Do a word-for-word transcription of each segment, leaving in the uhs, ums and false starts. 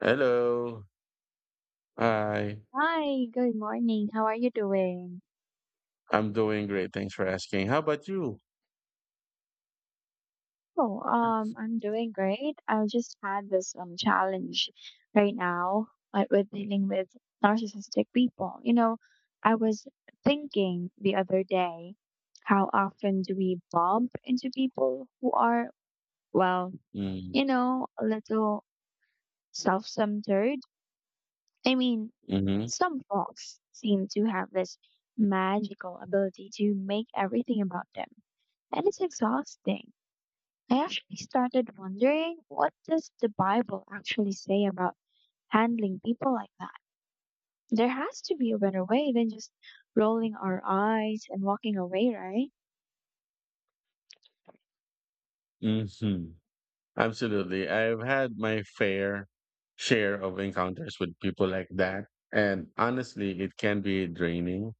Hello. Hi. Hi, good morning. How are you doing? I'm doing great. Thanks for asking. How about you? Oh, um, I'm doing great. I just had this um challenge right now uh, with dealing with narcissistic people. You know, I was thinking the other day, how often do we bump into people who are, well, Mm, you know, a little self-centered. I mean, mm-hmm. some folks seem to have this magical ability to make everything about them, and it's exhausting. I actually started wondering, what does the Bible actually say about handling people like that? There has to be a better way than just rolling our eyes and walking away, right? Mm-hmm. Absolutely. I've had my fair share of encounters with people like that. And honestly, it can be draining.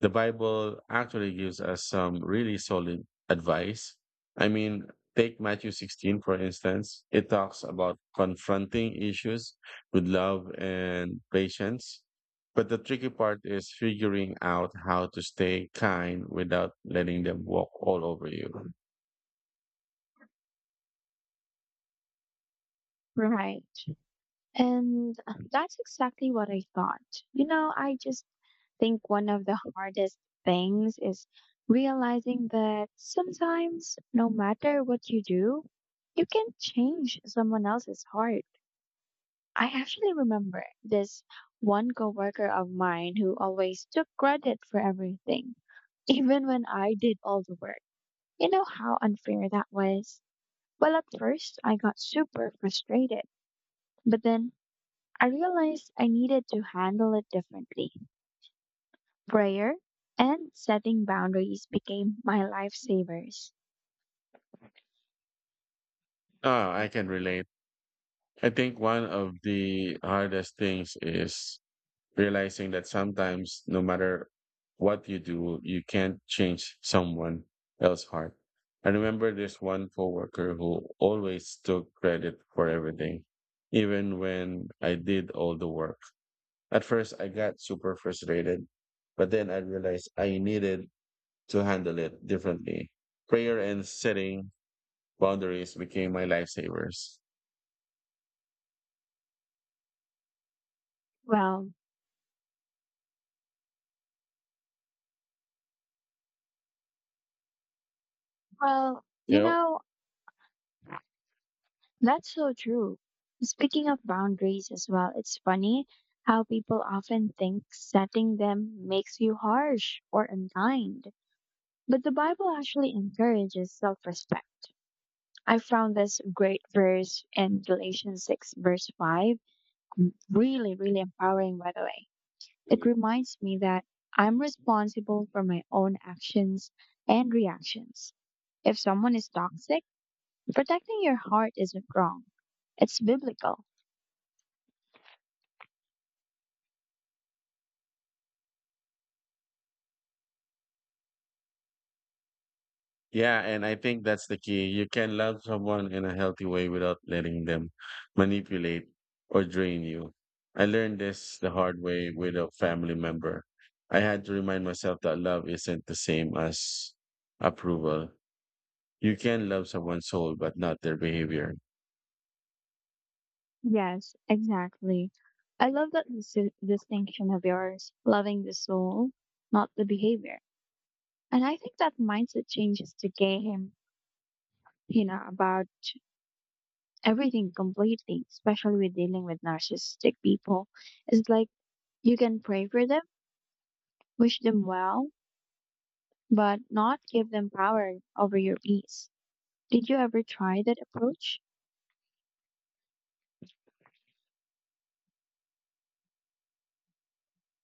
The Bible actually gives us some really solid advice. I mean, take Matthew sixteen, for instance. It talks about confronting issues with love and patience. But the tricky part is figuring out how to stay kind without letting them walk all over you. Right. And that's exactly what I thought. You know, I just think one of the hardest things is realizing that sometimes no matter what you do, you can change someone else's heart. I actually remember this one coworker of mine who always took credit for everything, even when I did all the work. You know how unfair that was? Well, at first I got super frustrated, but then I realized I needed to handle it differently. Prayer and setting boundaries became my lifesavers. Ah, I can relate. I think one of the hardest things is realizing that sometimes no matter what you do, you can't change someone else's heart. I remember this one coworker who always took credit for everything, even when I did all the work. At first, I got super frustrated, but then I realized I needed to handle it differently. Prayer and setting boundaries became my lifesavers. Well, well, you You know, That's so true. Speaking of boundaries as well, it's funny how people often think setting them makes you harsh or unkind. But the Bible actually encourages self respect. I found this great verse in Galatians six, verse five, really, really empowering, by the way. It know, reminds me that I'm responsible for my own actions and reactions. If someone is toxic, protecting your heart isn't wrong, it's biblical. Yeah, and I think that's the key. You can love someone in a healthy way without letting them manipulate or drain you. I learned this the hard way with a family member. I had to remind myself that love isn't the same as approval. You can love someone's soul, but not their behavior. Yes, exactly. I love that dis distinction of yours, loving the soul, not the behavior. And I think that mindset changes the game, you know, about everything completely, especially with dealing with narcissistic people. It's like you can pray for them, wish them well, but not give them power over your peace. Did you ever try that approach?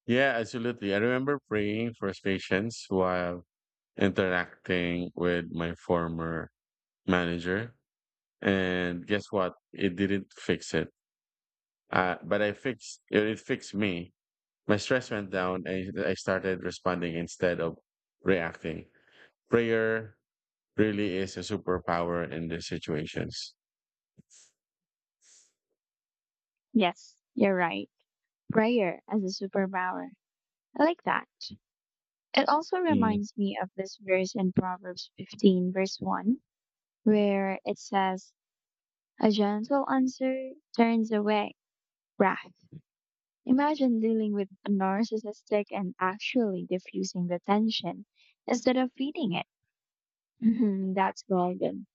Yeah, absolutely. I remember praying for patience while interacting with my former manager. And guess what? It didn't fix it. Uh, but I fixed it, it fixed me. My stress went down and I started responding instead of reacting. Prayer really is a superpower in these situations. Yes, you're right. Prayer as a superpower. I like that. It also Mm. reminds me of this verse in Proverbs fifteen, verse one, where it says, a gentle answer turns away wrath. Imagine dealing with a narcissistic and actually diffusing the tension instead of feeding it. Mhm, that's golden.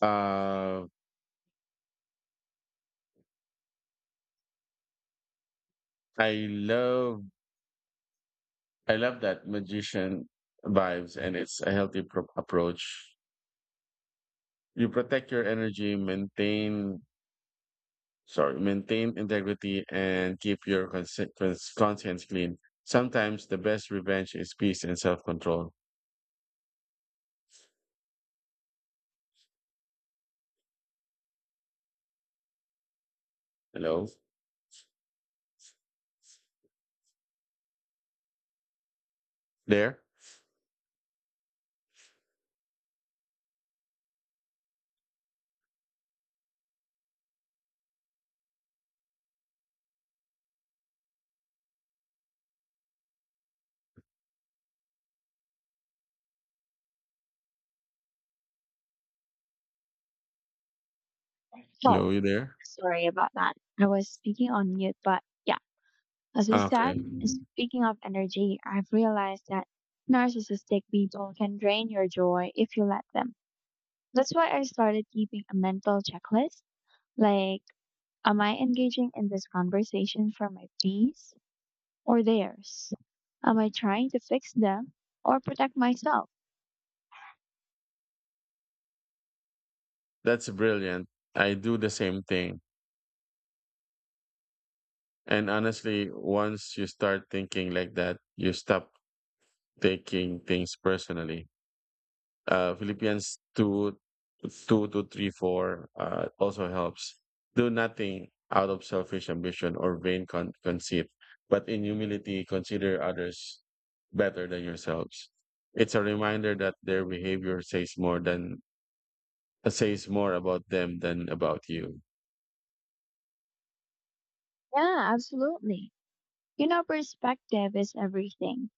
Uh, I love I love that magician vibes and it's a healthy pro- approach. You protect your energy, maintain sorry, maintain integrity and keep your consi- cons- conscience clean. Sometimes the best revenge is peace and self-control. Hello. There? Hello, Oh, you there? sorry about that. I was speaking on mute, but yeah, as I Ah, okay. said, speaking of energy, I've realized that narcissistic people can drain your joy if you let them. That's why I started keeping a mental checklist. Like, am I engaging in this conversation for my peace or theirs? Am I trying to fix them or protect myself? That's brilliant. I do the same thing. And honestly, once you start thinking like that, you stop taking things personally. Uh, Philippians two, two to three, four uh, also helps. Do nothing out of selfish ambition or vain con- conceit, but in humility, consider others better than yourselves. It's a reminder that their behavior says more than that says more about them than about you. Yeah, absolutely. You know, perspective is everything,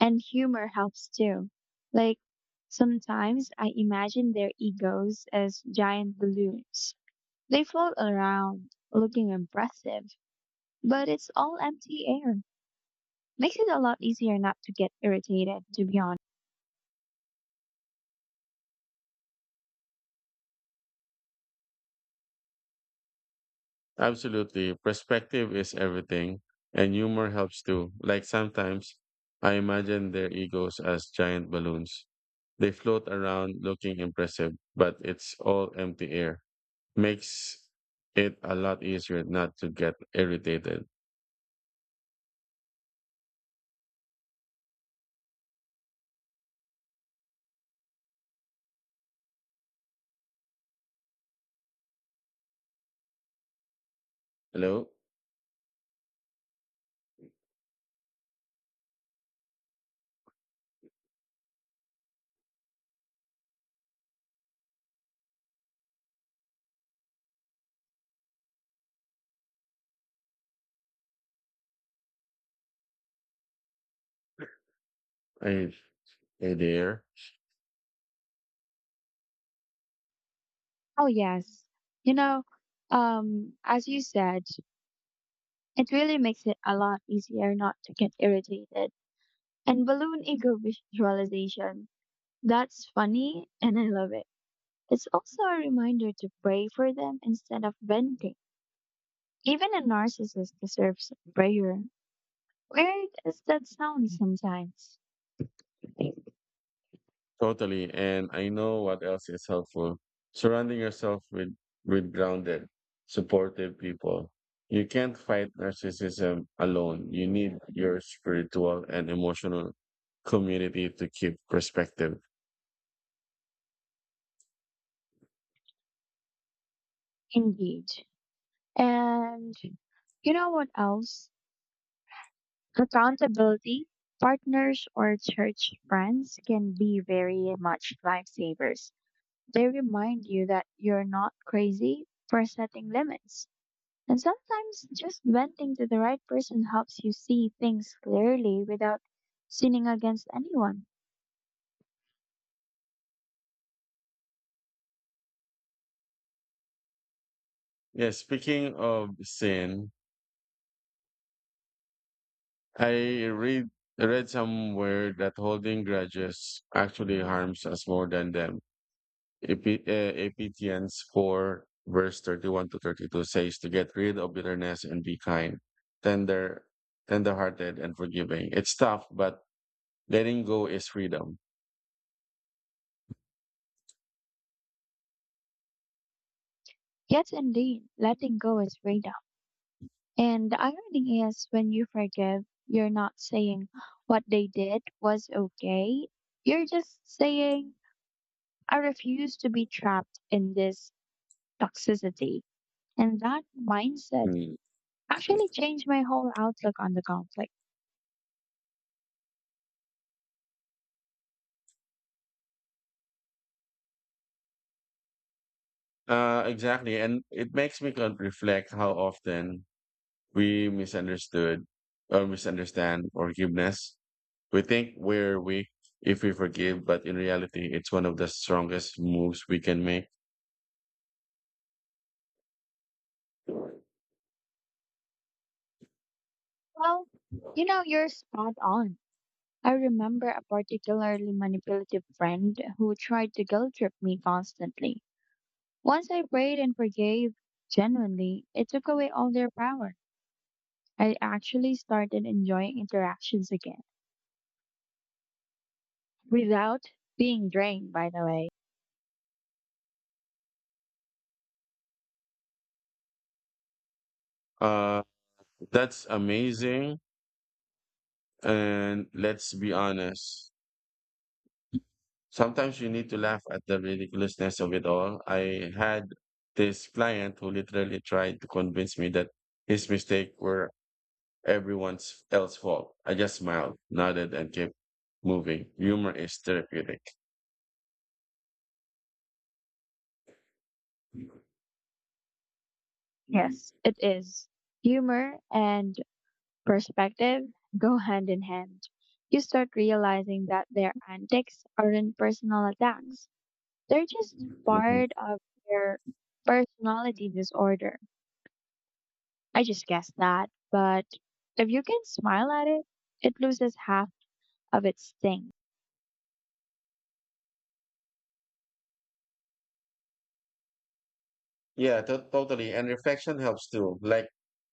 and humor helps too. Like, sometimes I imagine their egos as giant balloons. They float around looking impressive, but it's all empty air. Makes it a lot easier not to get irritated, to be honest. Absolutely. Perspective is everything, and humor helps too. Like sometimes I imagine their egos as giant balloons. They float around looking impressive, but it's all empty air. Makes it a lot easier not to get irritated. Hello? Hey, hey there. Oh, yes. You know, um, as you said, it really makes it a lot easier not to get irritated. And balloon ego visualization, that's funny and I love it. It's also a reminder to pray for them instead of venting. Even a narcissist deserves prayer. Weird as that sounds sometimes. Totally. And I know what else is helpful. Surrounding yourself with, with grounded, supportive people. You can't fight narcissism alone. You need your spiritual and emotional community to keep perspective. Indeed. And you know what else? Accountability, partners, or church friends can be very much lifesavers. They remind you that you're not crazy for setting limits. And sometimes just venting to the right person helps you see things clearly without sinning against anyone. Yeah, speaking of sin, I read read somewhere that holding grudges actually harms us more than them. Epi- uh, Ephesians four, verse thirty-one to thirty-two says to get rid of bitterness and be kind, tender, tender-hearted, and forgiving. It's tough, but letting go is freedom. Yes, indeed, letting go is freedom. And the irony is, when you forgive, you're not saying what they did was okay. You're just saying, I refuse to be trapped in this toxicity. And that mindset Mm. actually changed my whole outlook on the conflict. Uh, exactly. And it makes me con- reflect how often we misunderstood or misunderstand forgiveness. We think we're weak if we forgive, but in reality, it's one of the strongest moves we can make. Well, you know, you're spot on. I remember a particularly manipulative friend who tried to guilt trip me constantly. Once I prayed and forgave genuinely, it took away all their power. I actually started enjoying interactions again without being drained, by the way. Uh, that's amazing. And let's be honest. Sometimes you need to laugh at the ridiculousness of it all. I had this client who literally tried to convince me that his mistake were everyone's else fault. I just smiled, nodded, and kept moving. Humor is therapeutic. Yes, it is. Humor and perspective go hand in hand. You start realizing that their antics aren't personal attacks. They're just part of their personality disorder. I just guessed that, but if you can smile at it, it loses half of its sting. Yeah, to- totally. And reflection helps too. Like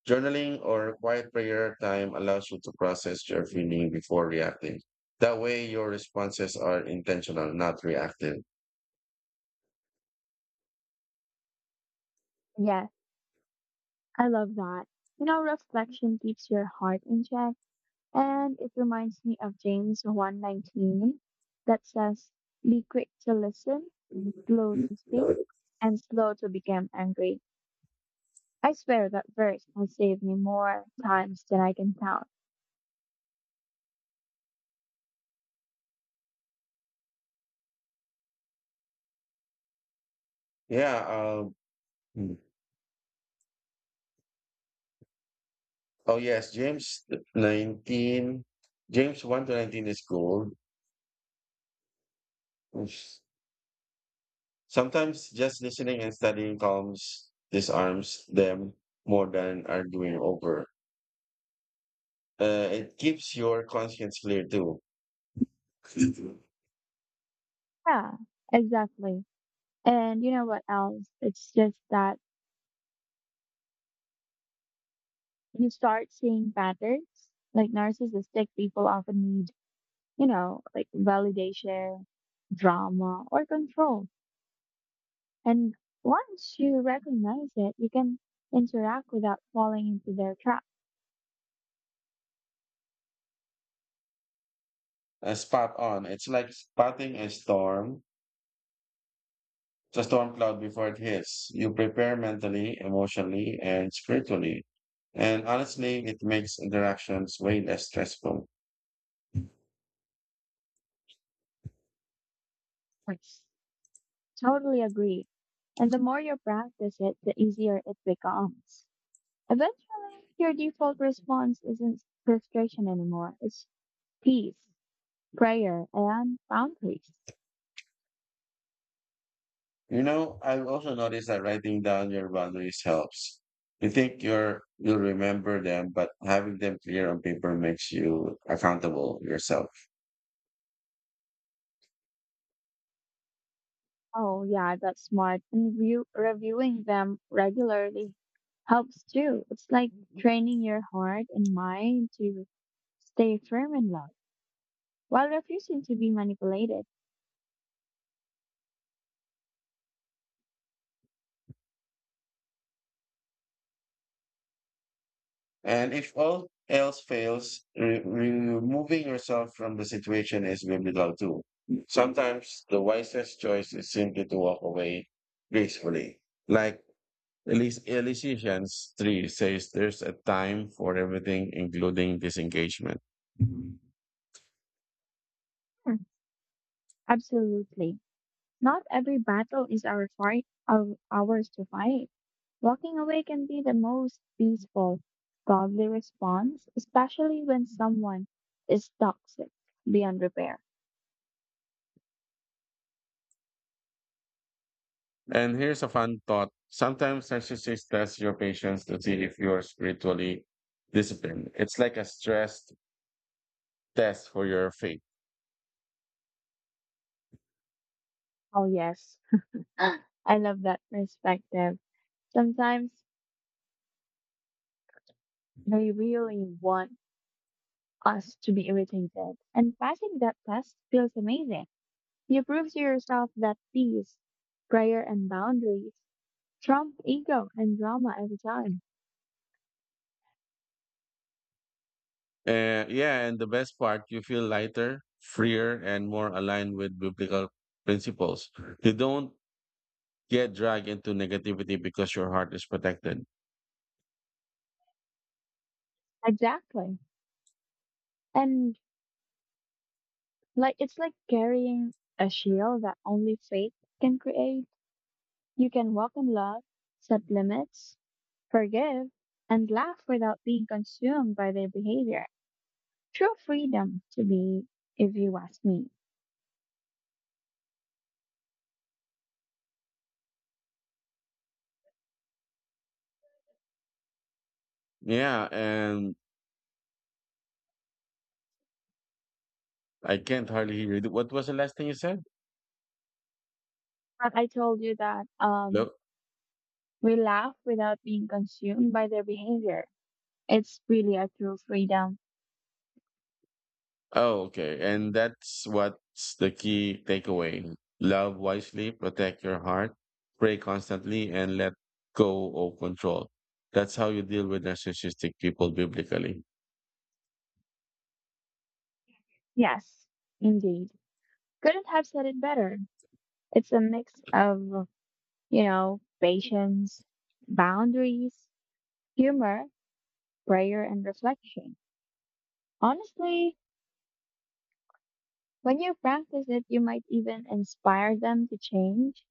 journaling or quiet prayer time allows you to process your feeling before reacting. That way, your responses are intentional, not reactive. Yes, I love that. You know, reflection keeps your heart in check, and it reminds me of James one nineteen that says, be quick to listen, slow to speak, and slow to become angry. I swear that verse has saved me more times than I can count. Yeah. Uh, hmm. oh, yes. James nineteen, James one to nineteen is gold. Oops. Sometimes just listening and studying calms, disarms them more than arguing over. Uh, it keeps your conscience clear too. Yeah, exactly. And you know what else? It's just that you start seeing patterns. Like narcissistic people often need, you know, like, validation, drama, or control. And once you recognize it, you can interact without falling into their Uh, spot on. It's like spotting a storm, it's a storm cloud before it hits. You prepare mentally, emotionally, and spiritually. And honestly, it makes interactions way less stressful. traps. Totally agree. And the more you practice it, the easier it becomes. Eventually, your default response isn't frustration anymore. It's peace, prayer, and boundaries. You know, I've also noticed that writing down your boundaries helps. You think you're you'll remember them, but having them clear on paper makes you accountable yourself. Oh, yeah, that's smart. And review, reviewing them regularly helps too. It's like training your heart and mind to stay firm in love while refusing to be manipulated. And if all else fails, re- removing yourself from the situation is biblical too. Sometimes the wisest choice is simply to walk away gracefully. Like Elis- Ephesians three says, there's a time for everything, including disengagement. Hmm, absolutely. Not every battle is our, fight, our, ours to fight. Walking away can be the most peaceful, godly response, especially when someone is toxic beyond repair. And here's a fun thought. Sometimes narcissists test your patience to see if you are spiritually disciplined. It's like a stress test for your faith. Oh, yes. I love that perspective. Sometimes they really want us to be irritated, and passing that test feels amazing. You prove to yourself that peace, prayer, and boundaries trump ego and drama every time. Uh, yeah, and the best part, you feel lighter, freer, and more aligned with biblical principles. You don't get dragged into negativity because your heart is protected. Exactly. And like it's like carrying a shield that only faith can create. You can walk in love, set limits, forgive, and laugh without being consumed by their behavior. True freedom to be, if you ask me. Yeah, and I can't hardly hear you. What was the last thing you said? But I told you that um Look. we laugh without being consumed by their behavior. It's really a true freedom. Oh, okay. And that's what's the key takeaway. Love wisely, protect your heart, pray constantly, and let go of control. That's how you deal with narcissistic people biblically. Yes, indeed. Couldn't have said it better. It's a mix of, you know, patience, boundaries, humor, prayer, and reflection. Honestly, when you practice it, you might even inspire them to change,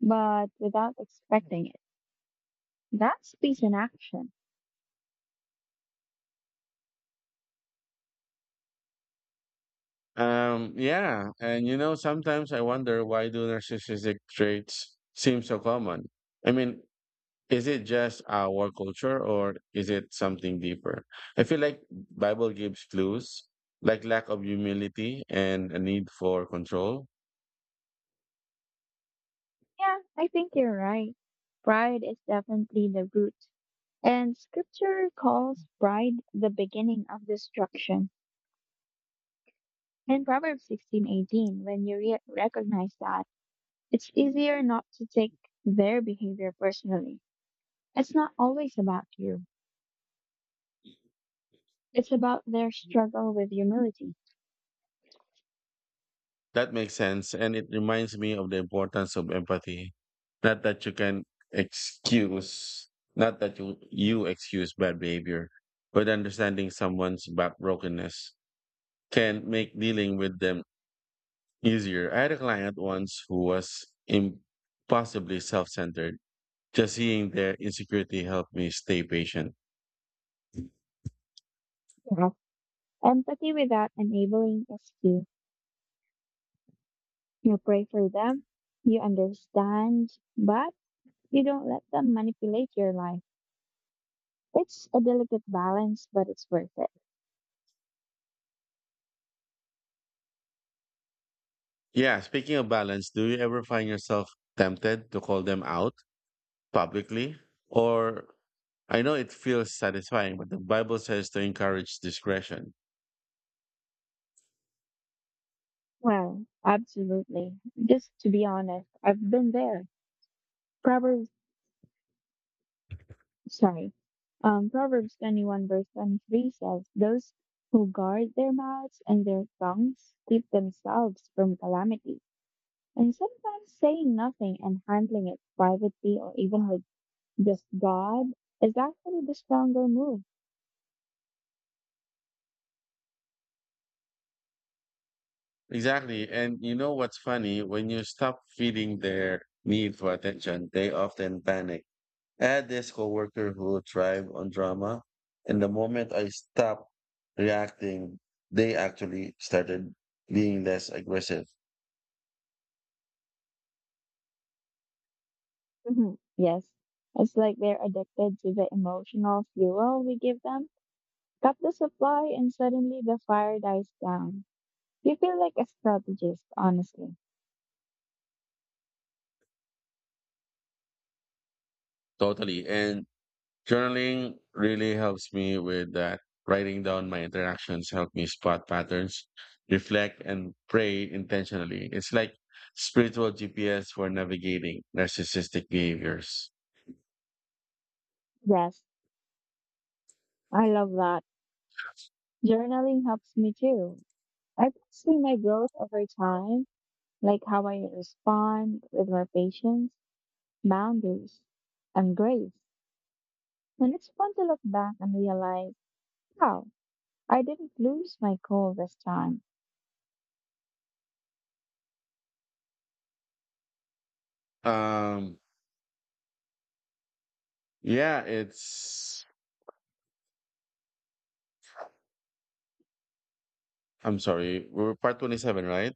but without expecting it. That's peace in action. Um, yeah, and you know, sometimes I wonder why do narcissistic traits seem so common? I mean, is it just our culture or is it something deeper? I feel like Bible gives clues, like lack of humility and a need for control. Yeah, I think you're right. Pride is definitely the root. And scripture calls pride the beginning of destruction. In Proverbs sixteen eighteen, when you re- recognize that, it's easier not to take their behavior personally. It's not always about you. It's about their struggle with humility. That makes sense, and it reminds me of the importance of empathy. Not that you can excuse, not that you you excuse bad behavior, but understanding someone's back brokenness can make dealing with them easier. I had a client once who was impossibly self centered. Just seeing their insecurity helped me stay patient. Yeah. Empathy without enabling is key. You pray for them, you understand, but you don't let them manipulate your life. It's a delicate balance, but it's worth it. Yeah, speaking of balance, do you ever find yourself tempted to call them out publicly? Or I know it feels satisfying, but the Bible says to encourage discretion. Well, absolutely. Just to be honest, I've been there. Probably sorry. Um, Proverbs twenty-one, verse twenty-three says, those who guard their mouths and their tongues keep themselves from calamity. And sometimes saying nothing and handling it privately or even with just God is actually the stronger move. Exactly. And you know what's funny? When you stop feeding their need for attention, they often panic. I had this coworker who thrived on drama, and the moment I stopped reacting, they actually started being less aggressive. Mhm. Yes, it's like they're addicted to the emotional fuel we give them. Cut the supply and suddenly the fire dies down. You feel like a strategist, honestly. Totally. And journaling really helps me with that. Writing down my interactions help me spot patterns, reflect, and pray intentionally. It's like spiritual G P S for navigating narcissistic behaviors. Yes, I love that. Journaling helps me too. I can see my growth over time, like how I respond with more patience, boundaries, and grace. And it's fun to look back and realize, wow, I didn't lose my cool this time. Um, yeah, it's. I'm sorry, we're part twenty-seven, right?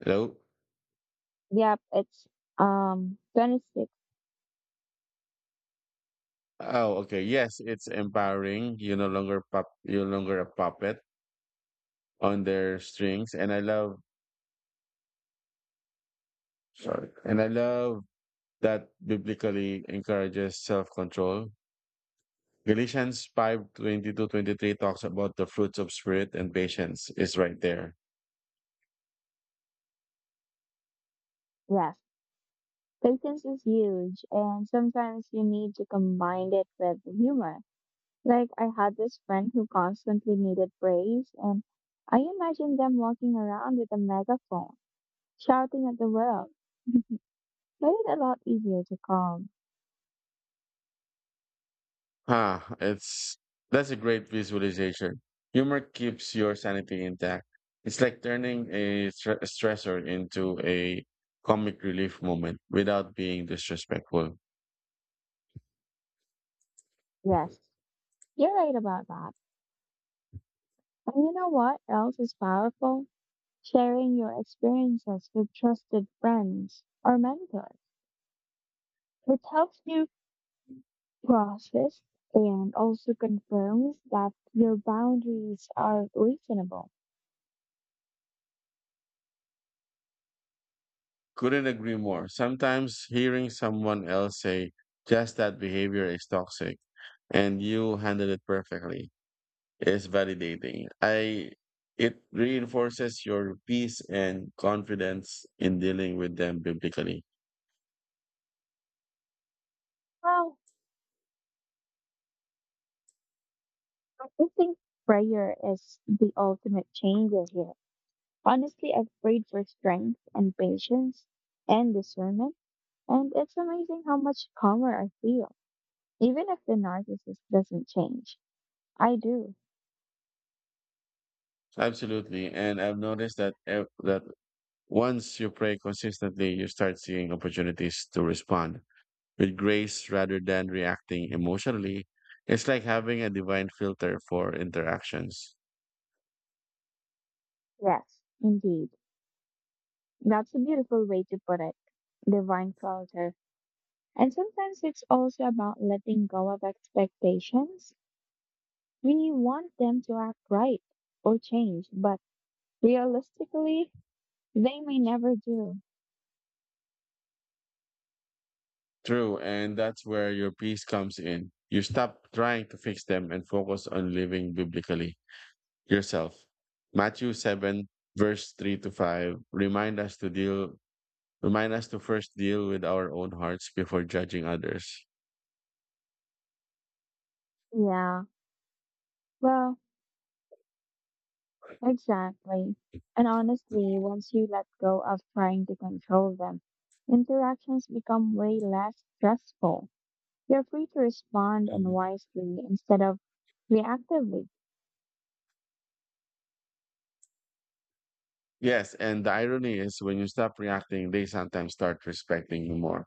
Hello? Yep, it's um twenty-six. Oh, okay. Yes, it's empowering. You're no longer pup. You're no longer a puppet on their strings, and I love. sorry, and I love that biblically encourages self-control. Galatians five twenty-two twenty-three talks about the fruits of spirit and patience is right there. Yes, patience is huge, and sometimes you need to combine it with humor. Like I had this friend who constantly needed praise, and I imagined them walking around with a megaphone shouting at the world. Made it a lot easier to calm. Ah, it's That's a great visualization. Humor keeps your sanity intact. It's like turning a stre- stressor into a comic relief moment without being disrespectful. Yes, you're right about that. And you know what else is powerful? Sharing your experiences with trusted friends or mentors. It helps you process and also confirms that your boundaries are reasonable. Couldn't agree more. Sometimes hearing someone else say just that behavior is toxic and you handled it perfectly is validating. I It reinforces your peace and confidence in dealing with them biblically. Well, I think prayer is the ultimate changer here. Honestly, I've prayed for strength and patience and discernment, and it's amazing how much calmer I feel, even if the narcissist doesn't change. I do. Absolutely. And I've noticed that ev- that once you pray consistently, you start seeing opportunities to respond with grace rather than reacting emotionally. It's like having a divine filter for interactions. Yes, indeed. That's a beautiful way to put it. Divine filter. And sometimes it's also about letting go of expectations. We want them to act right or change, but realistically, they may never do. True, and that's where your peace comes in. You stop trying to fix them and focus on living biblically yourself. Matthew seven verse three to five remind us to deal remind us to first deal with our own hearts before judging others. Yeah. Well, exactly. And honestly, once you let go of trying to control them, interactions become way less stressful. You're free to respond and wisely instead of reactively. Yes, and the irony is when you stop reacting, they sometimes start respecting you more.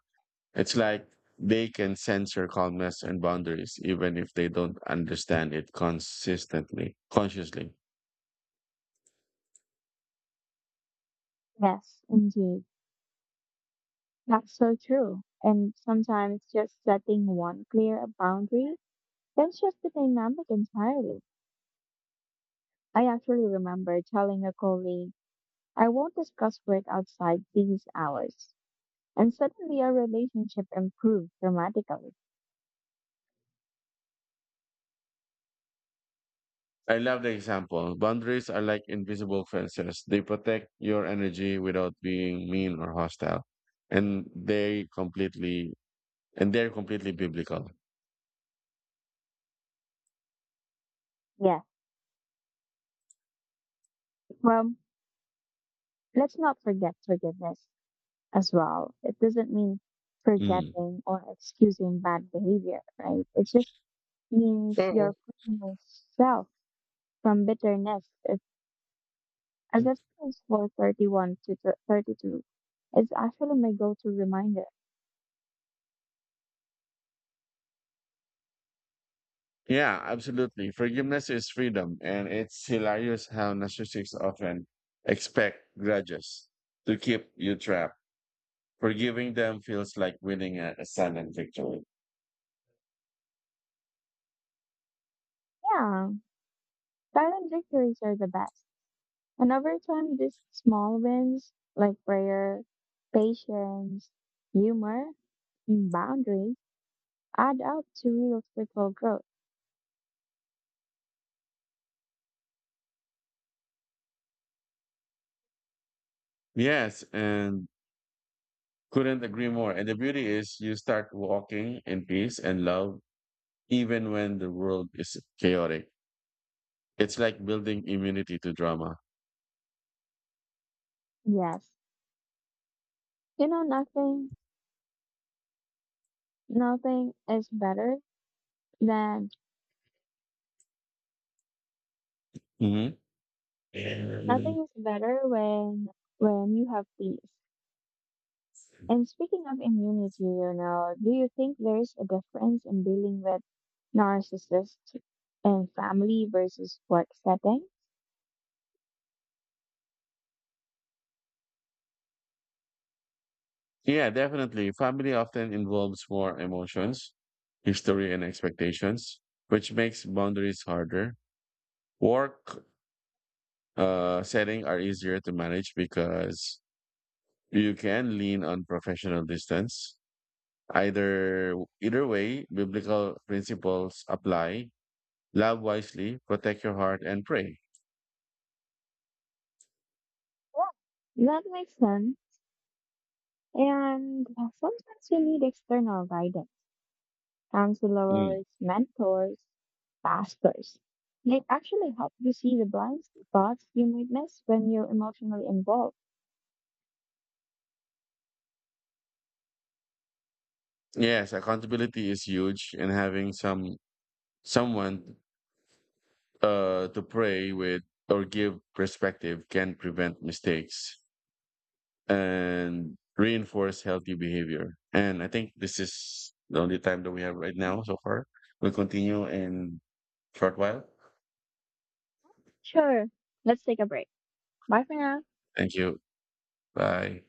It's like they can sense your calmness and boundaries, even if they don't understand it consistently, consciously. Yes, indeed. That's so true. And sometimes just setting one clear boundary can shift the dynamic entirely. I actually remember telling a colleague, I won't discuss work outside these hours. And suddenly our relationship improved dramatically. I love the example. Boundaries are like invisible fences. They protect your energy without being mean or hostile. And they completely and they're completely biblical. Yes. Well, let's not forget forgiveness as well. It doesn't mean Mm. forgetting or excusing bad behavior, right? It just means you're Mhm. freeing yourself from bitterness. If, as if it's four thirty-one to thir- thirty-two, it's actually my go-to reminder. Yeah, absolutely. Forgiveness is freedom, and it's hilarious how narcissists often expect grudges to keep you trapped. Forgiving them feels like winning a, a silent victory. Yeah, silent victories are the best. And over time, these small wins like prayer, patience, humor, and boundaries add up to real spiritual growth. Yes, and couldn't agree more. And the beauty is you start walking in peace and love even when the world is chaotic. It's like building immunity to drama. Yes. You know, nothing nothing is better than hmm nothing is better when when you have peace. And speaking of immunity, you know, do you think there's a difference in dealing with narcissists in family versus work setting? Yeah, definitely. Family often involves more emotions, history, and expectations, which makes boundaries harder. Work uh, setting are easier to manage because you can lean on professional distance. Either Either way, biblical principles apply. Love wisely, protect your heart, and pray. Yeah. That makes sense. And sometimes you need external guidance, Mm. counselors, mentors, pastors. They actually help you see the blind spots you might miss when you're emotionally involved. Yes, accountability is huge, and having some someone uh, to pray with or give perspective can prevent mistakes and reinforce healthy behavior. And I think this is the only time that we have right now so far. We'll continue in short while. Sure. Let's take a break. Bye for now. Thank you. Bye.